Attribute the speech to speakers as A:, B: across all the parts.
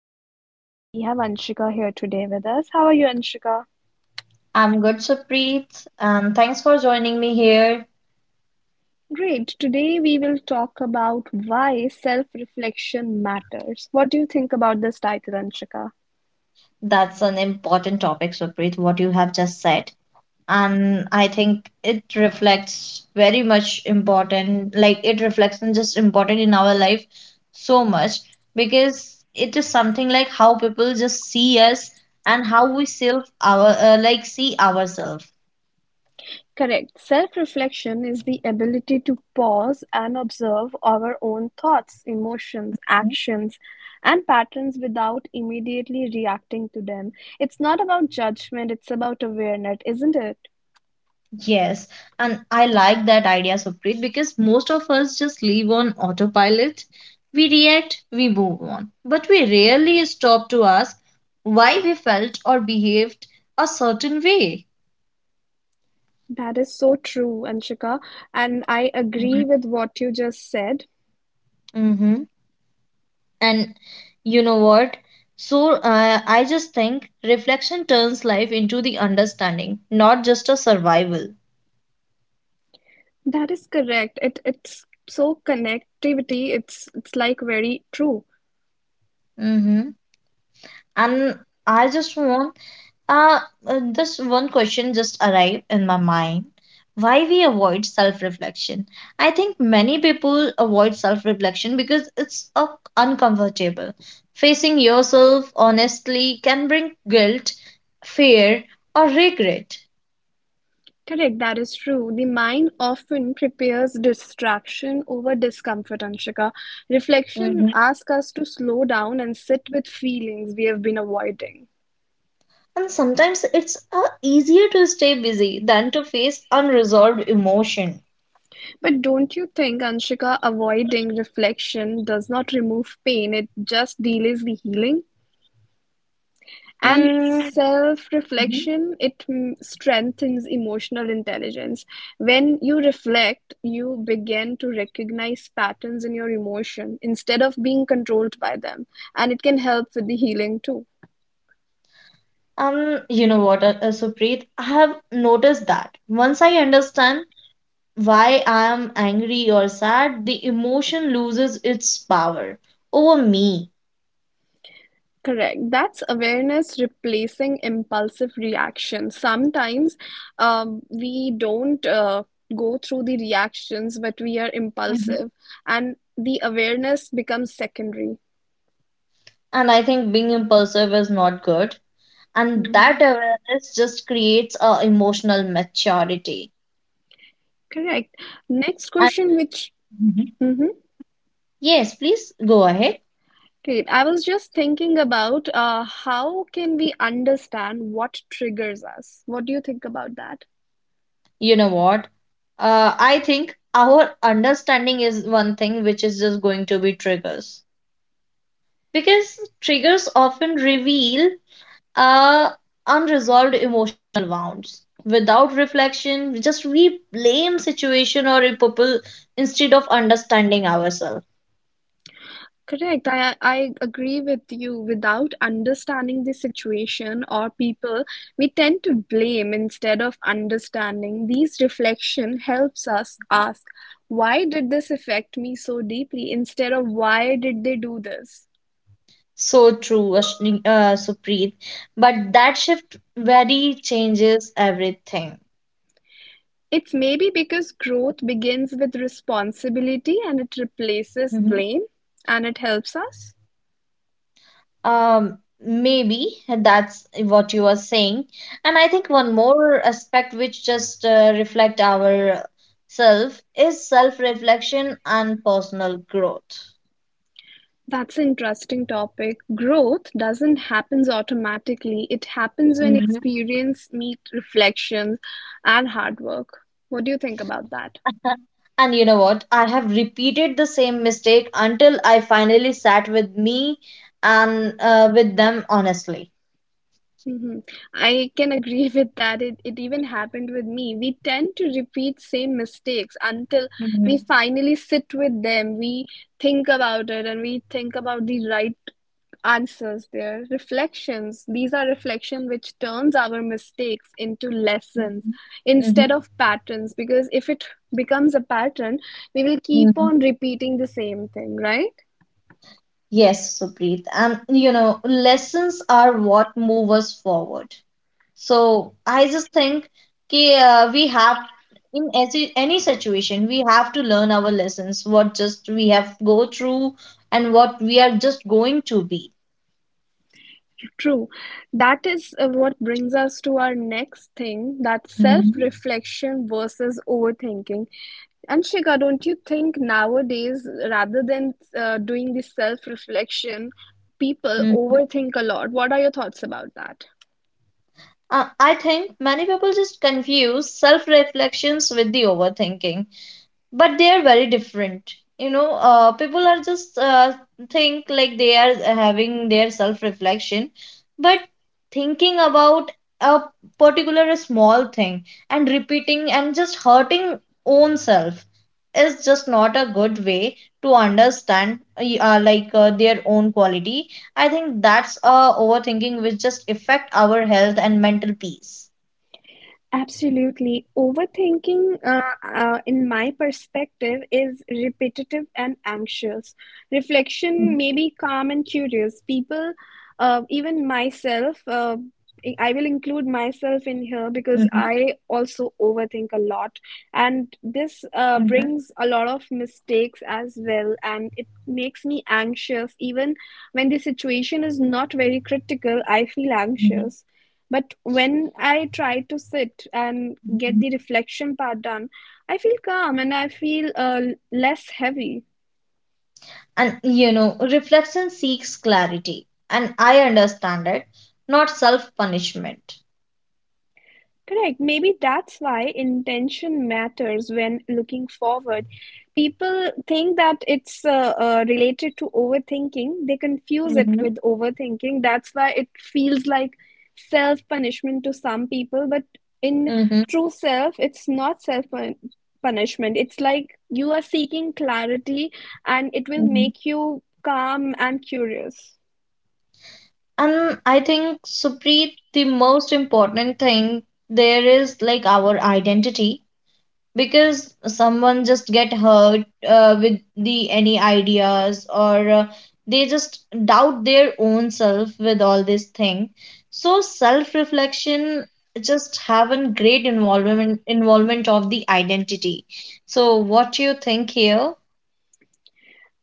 A: Supreet and we have Anshika here today with us. How are you, Anshika?
B: I'm good, Supreet, and thanks for joining me here.
A: Great. Today we will talk about why self reflection matters. What do you think about this title, Anshika?
B: That's an important topic, Supreet, what you have just said. And I think it reflects very much important, like it reflects and just important in our life so much because it is something like how people just see us and how we self our like see ourselves.
A: Correct. Self reflection is the ability to pause and observe our own thoughts, emotions, actions, and patterns without immediately reacting to them. It's not about judgment, it's about awareness, isn't it?
B: Yes, and I like that idea, Supreet, because most of us just live on autopilot. We react, we move on, but we rarely stop to ask why we felt or behaved a certain way.
A: That is so true, Anshika, and I agree with what you just said.
B: Mm-hmm. And you know what? I just think reflection turns life into the understanding, not just a survival.
A: That is correct. It's so connectivity, it's like very true.
B: Mm-hmm. And I just want. Uh, this one question just arrived in my mind. Why we avoid self-reflection? I think many people avoid self-reflection because it's uncomfortable. Facing yourself honestly can bring guilt, fear, or regret.
A: Correct, that is true. The mind often prepares distraction over discomfort, Anshika. Reflection
B: Mhm.
A: asks us to slow down and sit with feelings we have been avoiding.
B: And sometimes it's easier to stay busy than to face unresolved emotion.
A: But don't you think, Anshika, avoiding reflection does not remove pain, it just delays the healing? And
B: Mm. Mhm.
A: self-reflection, it strengthens emotional intelligence. When you reflect, you begin to recognize patterns in your emotion instead of being controlled by them. And it can help with the healing too.
B: um, you know what, Supreet? I have noticed that once I understand why I am angry or sad, the emotion loses its power over me.
A: Correct. That's awareness replacing impulsive reaction. Sometimes we don't go through the reactions, but we are
B: Mhm.
A: impulsive, and the awareness becomes secondary.
B: And I think being impulsive is not good. And that
A: Mhm.
B: awareness just creates a emotional maturity.
A: Correct. Next
B: And
A: question, which
B: mhm,
A: mm-hmm.
B: yes, please go ahead.
A: Great. I was just thinking about how can we understand what triggers us? What do you think about that?
B: You know what? I think our understanding is one thing which is just going to be triggers. Because triggers often reveal uh, unresolved emotional wounds. Without reflection, we blame situation or people instead of understanding ourselves.
A: Correct. I agree with you. Without understanding the situation or people, we tend to blame instead of understanding. These reflection helps us ask, why did this affect me so deeply? Instead of why did they do this?
B: So true, Supreet. But that shift very changes everything.
A: It's maybe because growth begins with responsibility and it replaces
B: Mhm.
A: blame and it helps us.
B: Maybe that's what you are saying. And I think one more aspect which just reflect our self is self-reflection and personal growth.
A: That's an interesting topic. Growth doesn't happen automatically. It happens when experience meet reflections and hard work. What do you think about that?
B: And you know what? I have repeated the same mistake until I finally sat with me and with them honestly.
A: Hmm. I can agree with that. It even happened with me. We tend to repeat same mistakes until we
B: Mhm.
A: finally sit with them. We think about it and we think about the right answers there. Reflections. These are reflection which turns our mistakes into lessons instead
B: Mhm.
A: of patterns. Because if it becomes a pattern, we will keep
B: Mhm.
A: on repeating the same thing, right?
B: Yes, Supreet. And you know, lessons are what move us forward. So I just think we have in any situation we have to learn our lessons. What just we have go through and what we are just going to be.
A: True. That is what brings us to our next thing, that
B: Mhm.
A: self-reflection versus overthinking. And Shika, don't you think nowadays, rather than doing this self-reflection, people
B: Mhm.
A: overthink a lot? What are your thoughts about that?
B: I think many people just confuse self reflections with the overthinking, but they are very different, you know. People are just think like they are having their self reflection but thinking about a particular small thing and repeating and just hurting own self is just not a good way to understand, like their own quality. I think that's overthinking, which just affect our health and mental peace.
A: Absolutely. Overthinking, in my perspective, is repetitive and anxious. Reflection may be calm and curious. People, even myself, I will include myself in here because
B: Mhm,
A: I also overthink a lot. And this
B: mhm,
A: brings a lot of mistakes as well. And it makes me anxious. Even when the situation is not very critical, I feel
B: mhm,
A: anxious. But when I try to sit and get
B: mhm.
A: the reflection part done, I feel calm and I feel less heavy.
B: And you know, reflection seeks clarity, and I understand it, not self punishment.
A: Correct. Maybe that's why intention matters when looking forward. People think that it's related to overthinking. They confuse it
B: Mm-hmm.
A: with overthinking. That's why it feels like self punishment to some people. But in
B: Hmm.
A: true self, it's not self punishment. It's like you are seeking clarity and it will
B: Mm-hmm.
A: make you calm and curious.
B: And I think, Supreet, the most important thing there is like our identity. Because someone just get hurt with the any ideas or they just doubt their own self with all this thing. So self reflection just have a great involvement of the identity. So what you think here?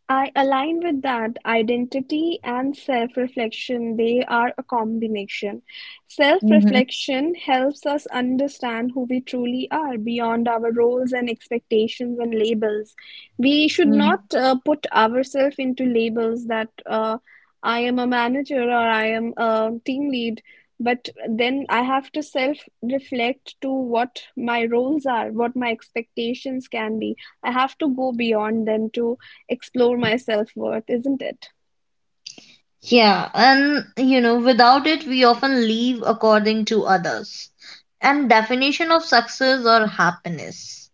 A: I align with that identity and self reflection. They are a combination. Self
B: Hmm.
A: reflection helps us understand who we truly are beyond our roles and expectations and labels. We should
B: Mm.
A: not put ourselves into labels that I am a manager or I am a team lead. But then I have to self reflect to what my roles are, what my expectations can be. I have to go beyond them to explore my self worth, isn't it?
B: Yeah, and you know, without it, we often live according to others and definition of success or happiness.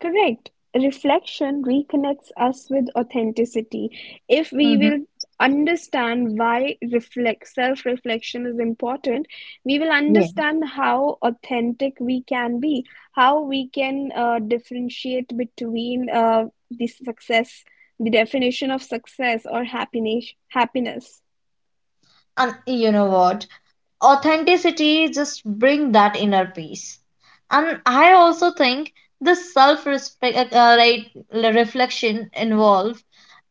A: Correct. Reflection reconnects us with authenticity. If we
B: Mm-hmm.
A: will understand why reflect self-reflection is important, we will
B: Yeah.
A: understand how authentic we can be, how we can differentiate between the success, the definition of success or happiness.
B: And you know what? Authenticity just bring that inner peace. And I also think this self respect, right reflection involve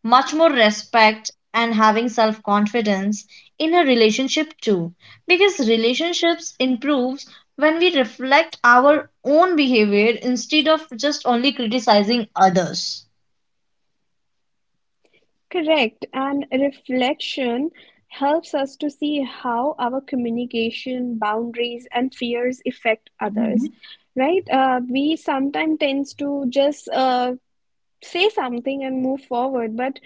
B: much more respect and having self confidence in a relationship too, because relationships improves when we reflect our own behavior instead of just only criticizing others.
A: Correct, and reflection helps us to see how our communication, boundaries, and fears affect others.
B: Mhm.
A: Right? We sometimes tends to just say something and move forward, but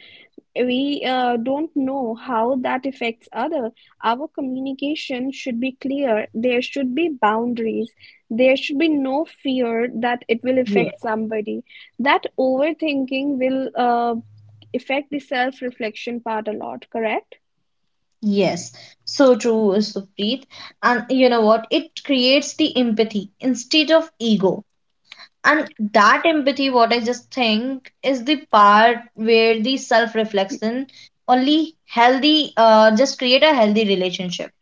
A: we don't know how that affects other. Our communication should be clear. There should be boundaries. There should be no fear that it will affect somebody, that overthinking will affect the self reflection part a lot, correct.
B: Yes, so true, Supreet. And you know what? It creates the empathy instead of ego. And that empathy, what I just think, is the part where the self-reflection only healthy, just create a healthy relationship.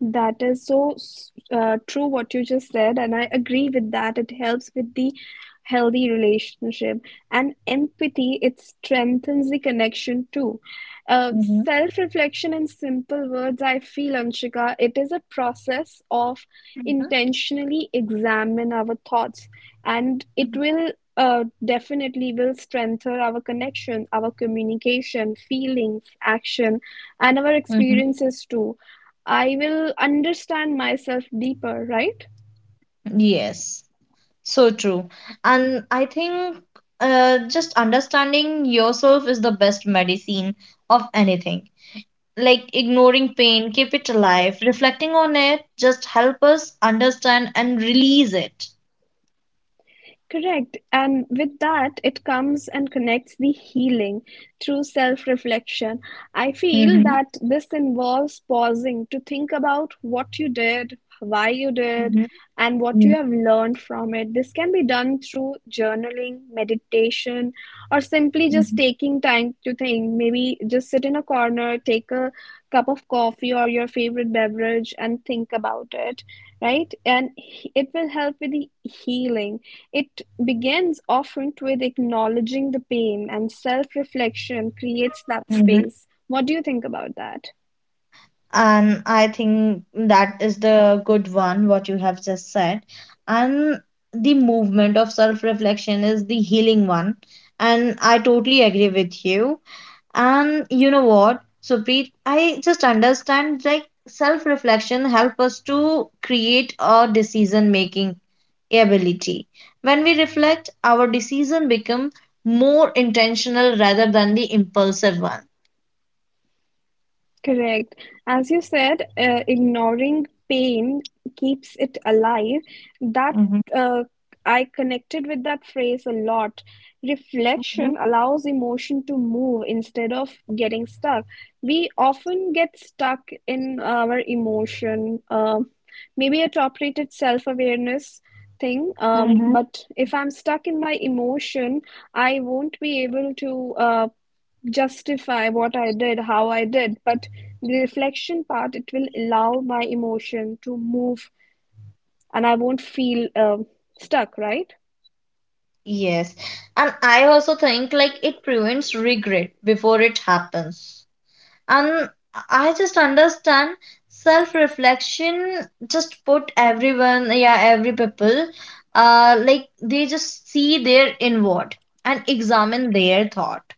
A: That is so true what you just said, and I agree with that. It helps with the healthy relationship and empathy, it strengthens the connection too. Uh,
B: Mm-hmm.
A: Self-reflection in simple words, I feel, Anshika, it is a process of intentionally examine our thoughts, and
B: Mm-hmm.
A: it will definitely will strengthen our connection, our communication, feelings, action, and our
B: Mm-hmm.
A: experiences too. I will understand myself deeper, right?
B: Yes, so true. And I think just understanding yourself is the best medicine of anything. Like ignoring pain, keep it alive. Reflecting on it just help us understand and release it.
A: Correct. And with that, it comes and connects the healing through self reflection. I feel
B: Mm-hmm.
A: that this involves pausing to think about what you did, why you did,
B: Mm-hmm.
A: and what you have learned from it. This can be done through journaling, meditation, or simply just
B: Mm-hmm.
A: taking time to think. Maybe just sit in a corner, take a cup of coffee or your favorite beverage and think about it, right? And it will help with the healing. It begins often with acknowledging the pain and self reflection creates that
B: Mm-hmm.
A: space. What do you think about that?
B: And I think that is the good one, what you have just said. And the movement of self reflection is the healing one. And I totally agree with you. And you know what, Supreet, I just understand like self reflection help us to create a decision making ability. When we reflect, our decision become more intentional rather than the impulsive one.
A: Correct. As you said, ignoring pain keeps it alive. That
B: Mm-hmm.
A: uh, I connected with that phrase a lot. Reflection allows emotion to move instead of getting stuck. We often get stuck in our emotion, maybe a top-rated self-awareness thing.
B: Mm-hmm.
A: But if I'm stuck in my emotion, I won't be able to. Justify what I did, how I did, but the reflection part, it will allow my emotion to move and I won't feel stuck, right?
B: Yes, and I also think like it prevents regret before it happens. And I just understand self-reflection just put everyone, yeah, every people, like they just see their inward and examine their thought.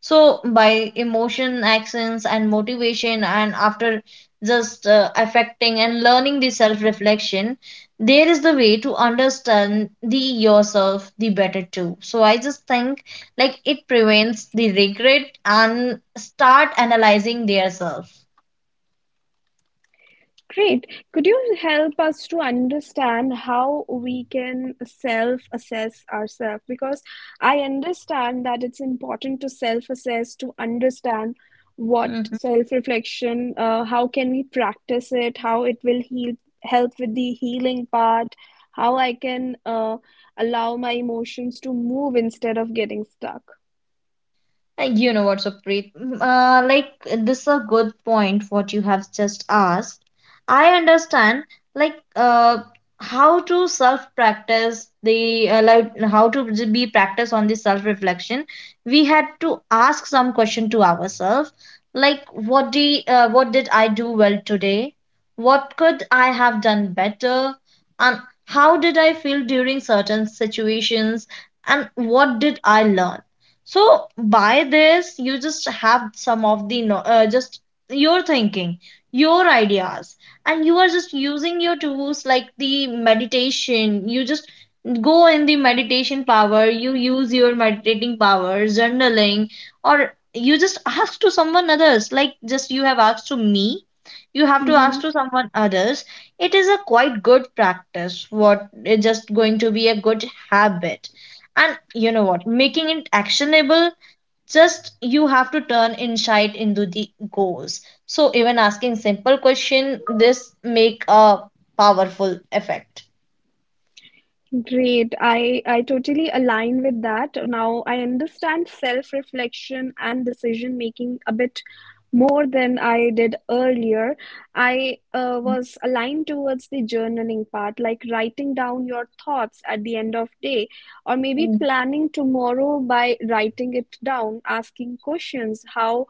B: So by emotion actions, and motivation, and after just affecting and learning the self reflection, there is the way to understand the yourself the better too. So I just think like it prevents the regret and start analyzing their self.
A: Great. Could you help us to understand how we can self assess ourselves? Because I understand that it's important to self assess to understand what
B: Mm-hmm.
A: self reflection, how can we practice it, how it will heal, help with the healing part, how I can allow my emotions to move instead of getting stuck.
B: You know what, Preet? Mm. Like this is a good point what you have just asked. I understand like uh how to self practice the like how to be practice on the self reflection. We had to ask some question to ourselves, like what the what did I do well today? What could I have done better? And how did I feel during certain situations? And what did I learn? So by this, you just have some of the just your thinking, your ideas, and you are just using your tools like the meditation. You just go in the meditation power. You use your meditating power, journaling, or you just ask to someone others. Like just you have asked to me, you have to
A: Mm-hmm.
B: ask to someone others. It is a quite good practice. What is just going to be a good habit. And you know what, making it actionable, just you have to turn insight into the goals. So even asking simple question, this make a powerful effect.
A: Great. I totally align with that. Now I understand self-reflection and decision making a bit more than I did earlier. I was aligned towards the journaling part, like writing down your thoughts at the end of day, or maybe
B: Mhm.
A: planning tomorrow by writing it down, asking questions, how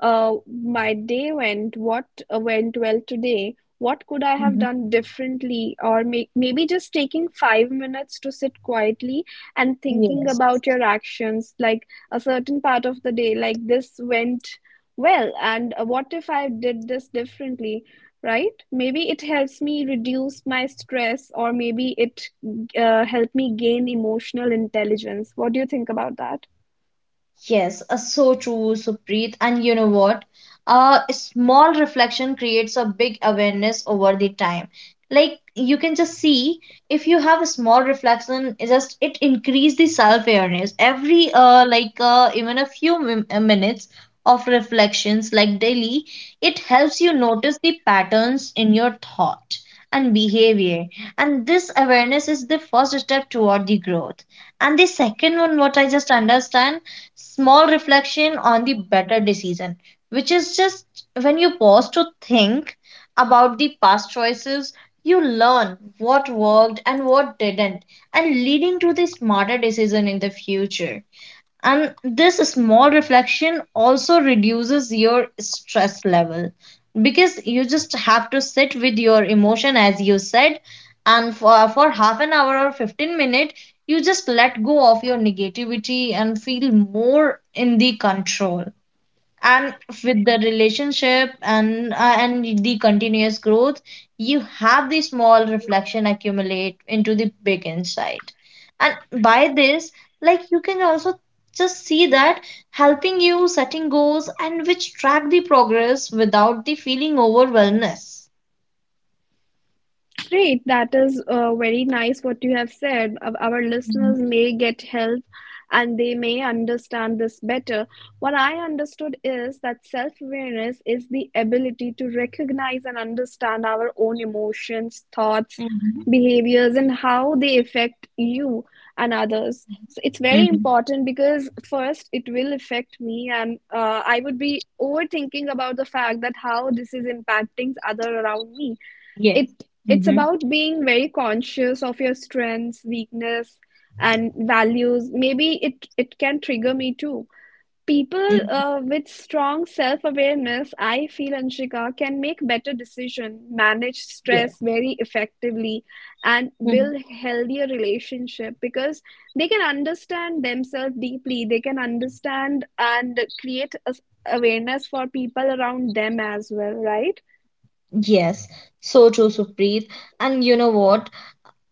A: my day went, what went well today, what could I have
B: Mhm.
A: done differently? Or maybe just taking 5 minutes to sit quietly and thinking
B: Yes.
A: about your actions, like a certain part of the day, like this went well, and what if I did this differently? Right? Maybe it helps me reduce my stress, or maybe it helped me gain emotional intelligence. What do you think about that?
B: Yes, so true, Supreet. And you know what? A small reflection creates a big awareness over the time. Like you can just see, if you have a small reflection, it just it increase the self-awareness. Every even a few minutes of reflections like daily, it helps you notice the patterns in your thought and behavior. And this awareness is the first step toward the growth. And the second one, what I just understand, small reflection on the better decision, which is just when you pause to think about the past choices, you learn what worked and what didn't, and leading to the smarter decision in the future. And this small reflection also reduces your stress level because you just have to sit with your emotion, as you said, and for half an hour or 15 minutes, you just let go of your negativity and feel more in the control. And with the relationship and the continuous growth, you have the small reflection accumulate into the big insight. And by this, like you can also just see that helping you setting goals and which track the progress without the feeling overwhelmness.
A: Great, that is very nice what you have said. Our listeners
B: Mhm.
A: may get help and they may understand this better. What I understood is that self awareness is the ability to recognize and understand our own emotions, thoughts,
B: Mhm.
A: behaviors, and how they affect you and others. So it's very
B: Mhm.
A: important because first it will affect me, and I would be overthinking about the fact that how this is impacting other around me.
B: Yes.
A: It it's
B: Mhm.
A: about being very conscious of your strengths, weakness, and values. Maybe it can trigger me too. People
B: Mhm.
A: with strong self-awareness, I feel, Anshika, can make better decision, manage
B: Yes.
A: stress very effectively, and
B: Mhm.
A: build healthier relationship because they can understand themselves deeply. They can understand and create a awareness for people around them as well, right?
B: Yes, so true, Supreet. And you know what?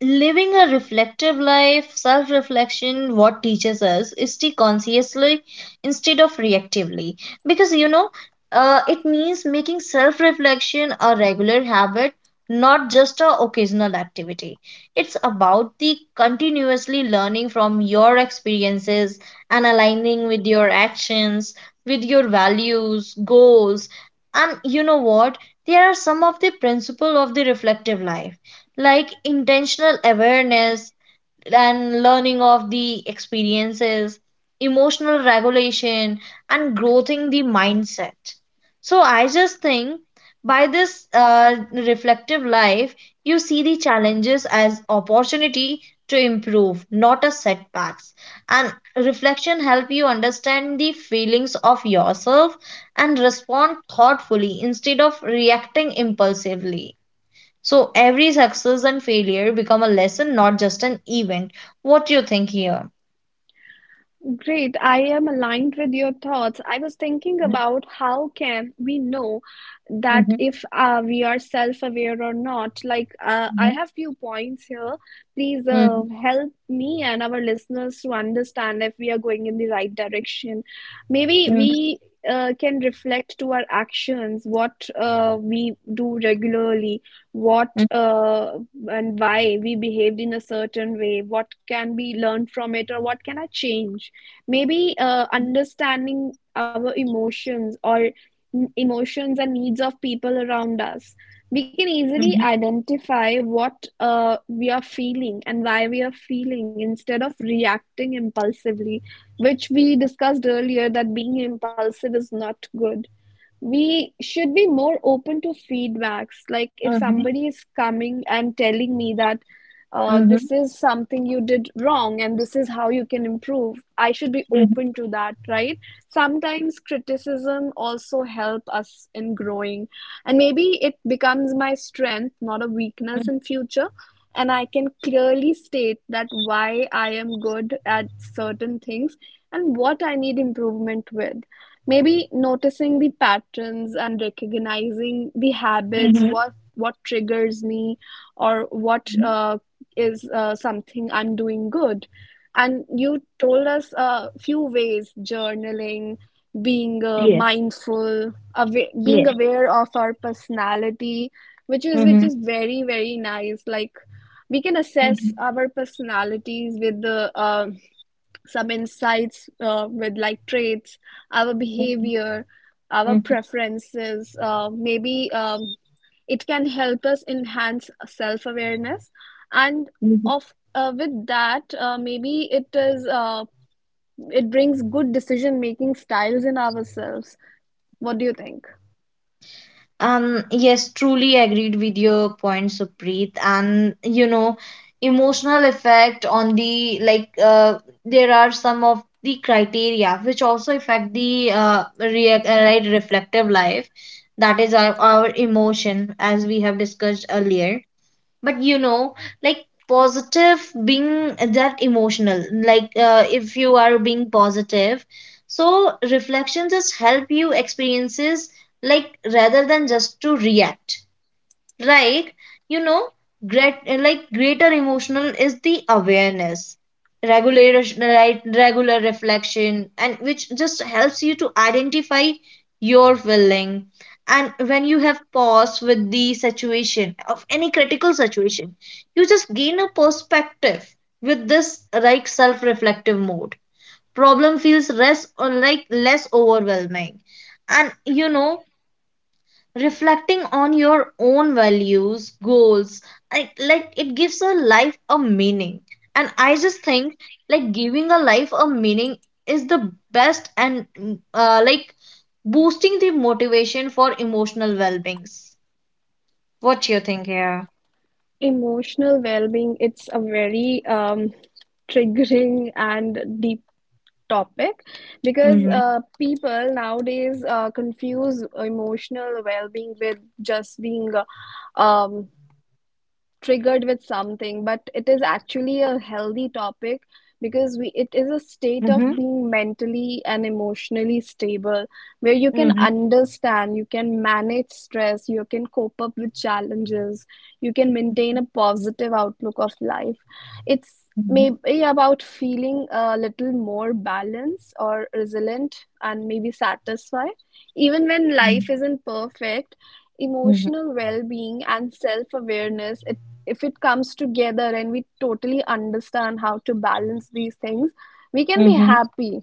B: Living a reflective life, self reflection, what teaches us is to consciously instead of reactively. Because you know, it means making self reflection a regular habit, not just a occasional activity. It's about the continuously learning from your experiences and aligning with your actions, with your values, goals. And you know what? There are some of the principle of the reflective life, like intentional awareness and learning of the experiences, emotional regulation, and growing the mindset. So I just think by this reflective life, you see the challenges as opportunity to improve, not as setbacks. And reflection help you understand the feelings of yourself and respond thoughtfully instead of reacting impulsively. So every success and failure become a lesson, not just an event. What do you think here?
A: Great. I am aligned with your thoughts. I was thinking
B: Mm-hmm,
A: about how can we know that
B: mm-hmm,
A: if we are self-aware or not. Like, I have few points here. Please
B: mm-hmm,
A: help me and our listeners to understand if we are going in the right direction. Maybe
B: mm-hmm,
A: we can reflect to our actions, what we do regularly, what and why we behaved in a certain way, what can be learned from it, or what can I change? Maybe understanding our emotions or emotions and needs of people around us, we can easily
B: mm-hmm,
A: identify what we are feeling and why we are feeling instead of reacting impulsively, which we discussed earlier that being impulsive is not good. We should be more open to feedbacks. Like if
B: mm-hmm,
A: somebody is coming and telling me that
B: mm-hmm,
A: this is something you did wrong and this is how you can improve, I should be
B: mm-hmm,
A: open to that, right? Sometimes criticism also help us in growing, and maybe it becomes my strength, not a weakness in future. And I can clearly state that why I am good at certain things and what I need improvement with. Maybe noticing the patterns and recognizing the habits,
B: mm-hmm,
A: what triggers me, or what
B: mm-hmm.
A: is something I'm doing good. And you told us a few ways: journaling, being
B: Yes,
A: mindful, awa being
B: yes.
A: aware of our personality, which
B: Mm-hmm,
A: is very nice. Like we can
B: mm-hmm,
A: assess our personalities with the some insights with like traits, our
B: mm-hmm,
A: behavior, our preferences. Maybe It can help us enhance self awareness, and
B: mm-hmm.
A: of with that, maybe it is it brings good decision making styles in ourselves. What do you think?
B: Yes, truly agreed with your point, Supreet. And you know, emotional effect on the like there are some of the criteria which also affect the right reflective life. That is our emotion, as we have discussed earlier. But you know, like positive being that emotional, like if you are being positive, so reflection just help you experiences like rather than just to react, like you know, great like greater emotional is the awareness. Regular right regular reflection, and which just helps you to identify your feeling. And when you have pause with the situation of any critical situation, you just gain a perspective. With this like self-reflective mode, problem feels less or like less overwhelming. And you know, reflecting on your own values, goals, and like it gives a life a meaning. And I just think like giving a life a meaning is the best. And like boosting the motivation for emotional well-beings. What you think here?
A: Emotional well being. It's a very triggering and deep topic because
B: Mm-hmm.
A: people nowadays confuse emotional well-being with just being uh, um, triggered with something, but it is actually a healthy topic because we it is a state of
B: Mm-hmm.
A: being mentally and emotionally stable, where you can
B: Mm-hmm.
A: understand, you can manage stress, you can cope up with challenges, you can maintain a positive outlook of life. It's maybe about feeling a little more balanced or resilient and maybe satisfied even when life isn't perfect.
B: Mm-hmm.
A: Emotional well-being and self-awareness, if it comes together and we totally understand how to balance these things, we can be
B: Mm-hmm.
A: happy.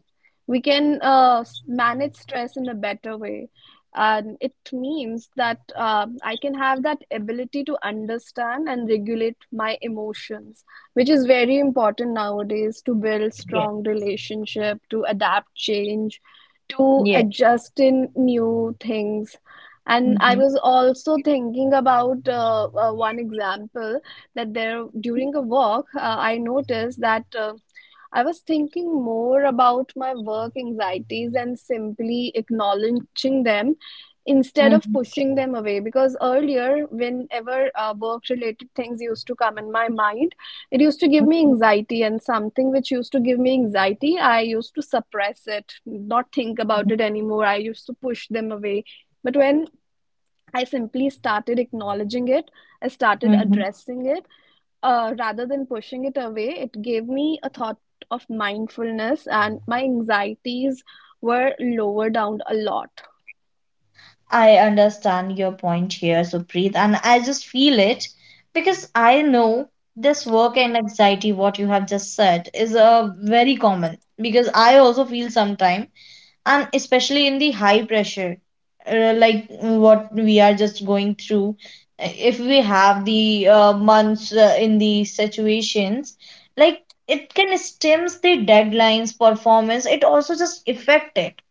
A: We can manage stress in a better way. And it means that I can have that ability to understand and regulate my emotions, which is very important nowadays to build
B: yeah
A: strong relationship, to adapt change, to
B: yeah
A: adjust in new things. And I
B: mm-hmm.
A: was also thinking about one example that there during a walk, I noticed that I was thinking more about my work anxieties and simply acknowledging them instead of pushing them away. Because earlier, whenever work-related things used to come in my mind, it used to give me anxiety, and something which used to give me anxiety, I used to suppress it, not think about it anymore. I used to push them away. But when I simply started acknowledging it, I started
B: Mm-hmm.
A: addressing it rather than pushing it away. It gave me a thought of mindfulness, and my anxieties were lower down a lot.
B: I understand your point here, Supreet, and I just feel it because I know this work and anxiety, what you have just said, is very common because I also feel sometime, and especially in the high pressure, like what we are just going through. If we have the months in these situations, like it can stems the deadlines, performance, it also just affect it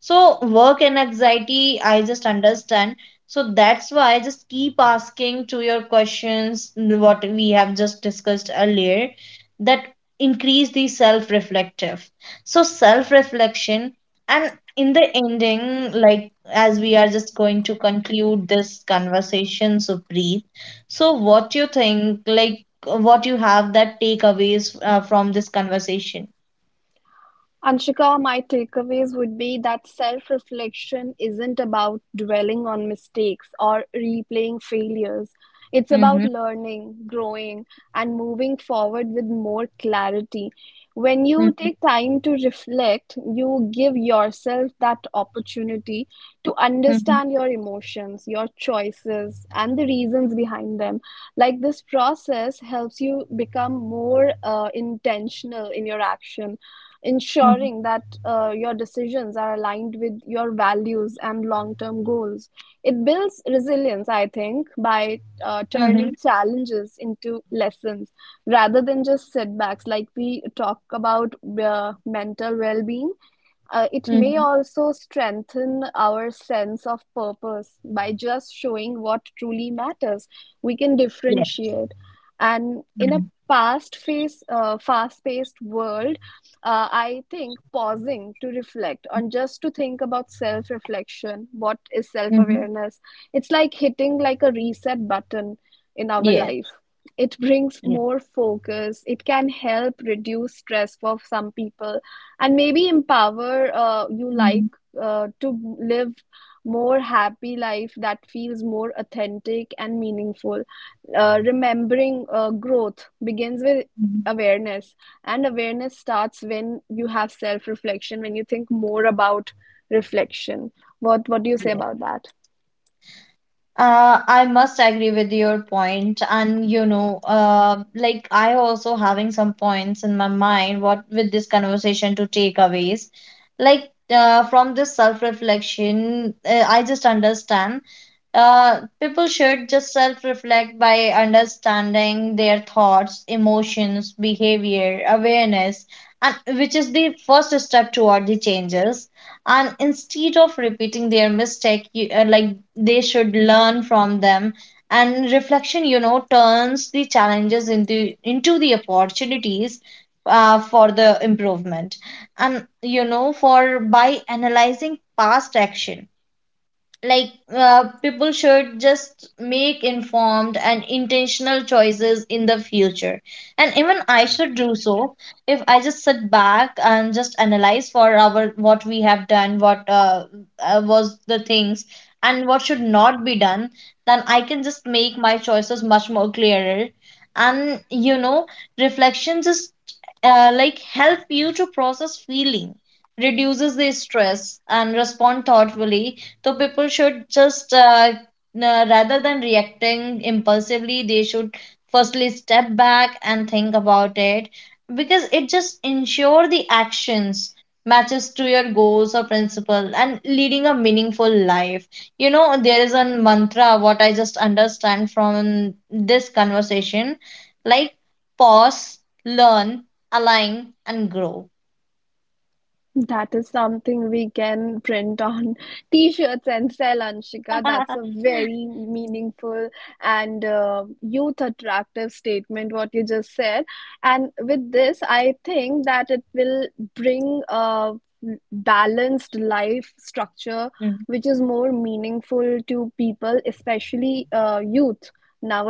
B: so work and anxiety, I just understand. So that's why I just keep asking to your questions what we have just discussed earlier that increase the self-reflective. So self-reflection and in the ending, like as we are just going to conclude this conversation, so breathe. So what you think, like what you have that takeaways from this conversation?
A: Anshika, my takeaways would be that self reflection isn't about dwelling on mistakes or replaying failures. It's about
B: Mm-hmm.
A: learning, growing, and moving forward with more clarity. When you
B: Mm-hmm.
A: take time to reflect, you give yourself that opportunity to
B: Mm-hmm.
A: understand your emotions, your choices, and the reasons behind them. Like this process helps you become more intentional in your action, ensuring that your decisions are aligned with your values and long-term goals. It builds resilience, I think, by
B: Mm-hmm.
A: turning challenges into lessons rather than just setbacks. Like we talk about mental well-being, it may
B: Mm-hmm.
A: also strengthen our sense of purpose by just showing what truly matters. We can
B: Yes.
A: differentiate, and in a fast-paced world, I think pausing to reflect on just to think about self reflection, what is self
B: Mm-hmm.
A: awareness, it's like hitting like a reset button in our
B: Yes.
A: life. It brings
B: Yes.
A: more focus, it can help reduce stress for some people, and maybe empower you like
B: Mhm.
A: to live more happy life that feels more authentic and meaningful, remembering growth begins with
B: Mhm.
A: awareness, and awareness starts when you have self reflection, when you think more about reflection. What do you say
B: Yes.
A: about that?
B: I must agree with your point, and you know, like I also having some points in my mind. What with this conversation to takeaways, like from this self reflection, I just understand. People should just self reflect by understanding their thoughts, emotions, behavior, awareness, and which is the first step toward the changes. And instead of repeating their mistake, you, like they should learn from them. And reflection, you know, turns the challenges into the opportunities for the improvement. And you know, for by analyzing past action like people should just make informed and intentional choices in the future, and even I should do so. If I just sit back and just analyze for our what we have done, what was the things and what should not be done, then I can just make my choices much more clearer. And you know, reflection just like help you to process feeling, reduces the stress and respond thoughtfully. So people should just rather than reacting impulsively, they should firstly step back and think about it because it just ensure the actions matches to your goals or principle and leading a meaningful life. You know, there is a mantra what I just understand from this conversation, like pause, learn, align, and grow.
A: That is something we can print on t-shirts and sell, Anshika. That's a very meaningful and youth attractive statement, what you just said. And with this, I think that it will bring a balanced life structure, which is more meaningful to people, especially youth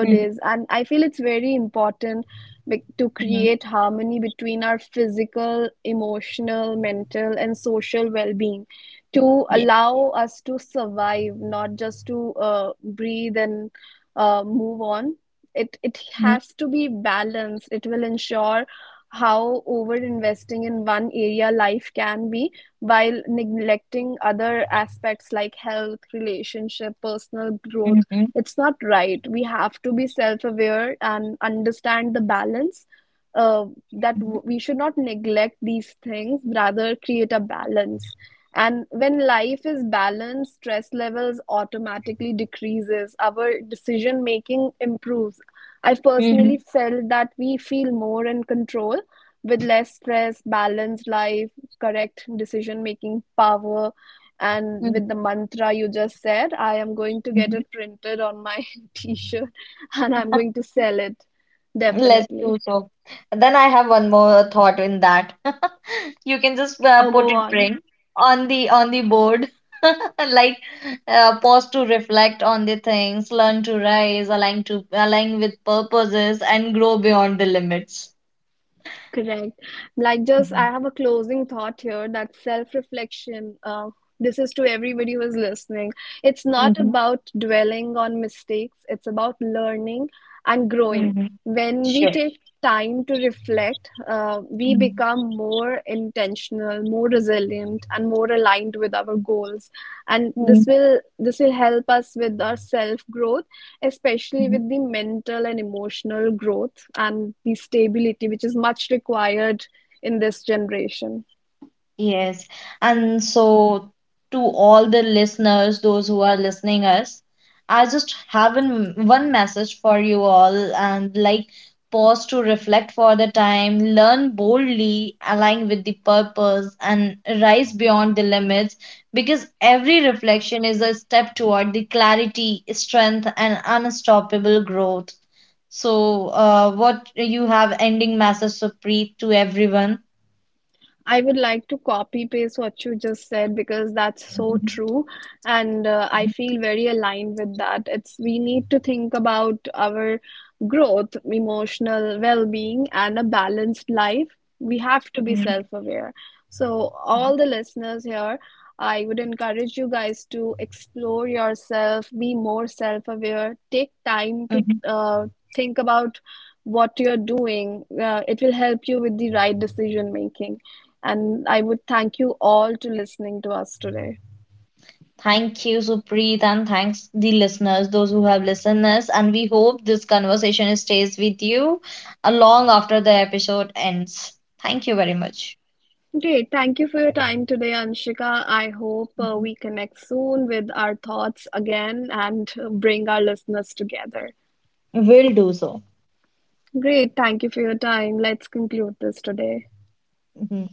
B: Mhm.
A: And I feel it's very important to
B: Mhm.
A: create harmony between our physical, emotional, mental, and social well-being, to
B: Yeah.
A: allow us to survive, not just to breathe and move on. It
B: Mhm.
A: has to be balanced. It will ensure how over investing in one area life can be while neglecting other aspects like health, relationship, personal growth.
B: Mhm.
A: It's not right. We have to be self-aware and understand the balance, uh, we should not neglect these things, rather create a balance. And when life is balanced, stress levels automatically decreases. Our decision making improves. I've
B: Mhm.
A: personally felt that we feel more in control with less stress, balanced life, correct decision making power, and
B: Mhm,
A: with the mantra you just said, I am going to get
B: mhm.
A: it printed on my t-shirt and I'm going to sell it.
B: Let's do
A: Definitely.
B: so. Then I have one more thought in that. You can just
A: Oh,
B: put
A: go
B: it
A: on.
B: print on the board, like pause to reflect on the things, learn to rise, align to align with purposes, and grow beyond the limits.
A: Correct. Like, just I have a closing thought here that self-reflection, this is to everybody who is listening. It's not
B: Mm-hmm.
A: about dwelling on mistakes, it's about learning and growing.
B: Mm-hmm.
A: When we
B: Sure.
A: take time to reflect, uh, we become
B: Mhm.
A: become more intentional, more resilient, and more aligned with our goals. And this will help us with our self growth, especially
B: Mhm.
A: with the mental and emotional growth and the stability which is much required in this generation.
B: Yes. And so to all the listeners, those who are listening us, I just have an, one message for you all and like pause to reflect for the time, learn boldly, align with the purpose and rise beyond the limits because every reflection is a step toward the clarity, strength and unstoppable growth. So what you have ending message, Supreet, to everyone?
A: I would like to copy paste what you just said because that's so true, and I feel very aligned with that. It's we need to think about our growth, emotional well-being, and a balanced life. We have to be
B: Mhm.
A: self-aware. So, all the listeners here, I would encourage you guys to explore yourself, be more self-aware, take time to
B: Mhm.
A: think about what you're doing. It will help you with the right decision making. And I would thank you all to listening to us today.
B: Thank you, Supreet, and thanks the listeners, those who have listeners, and we hope this conversation stays with you long after the episode ends. Thank you very much.
A: Great. Thank you for your time today, Anshika. I hope
B: Mhm.
A: we connect soon with our thoughts again and bring our listeners together.
B: Will do so.
A: Great. Thank you for your time. Let's conclude this today.
B: Mhm.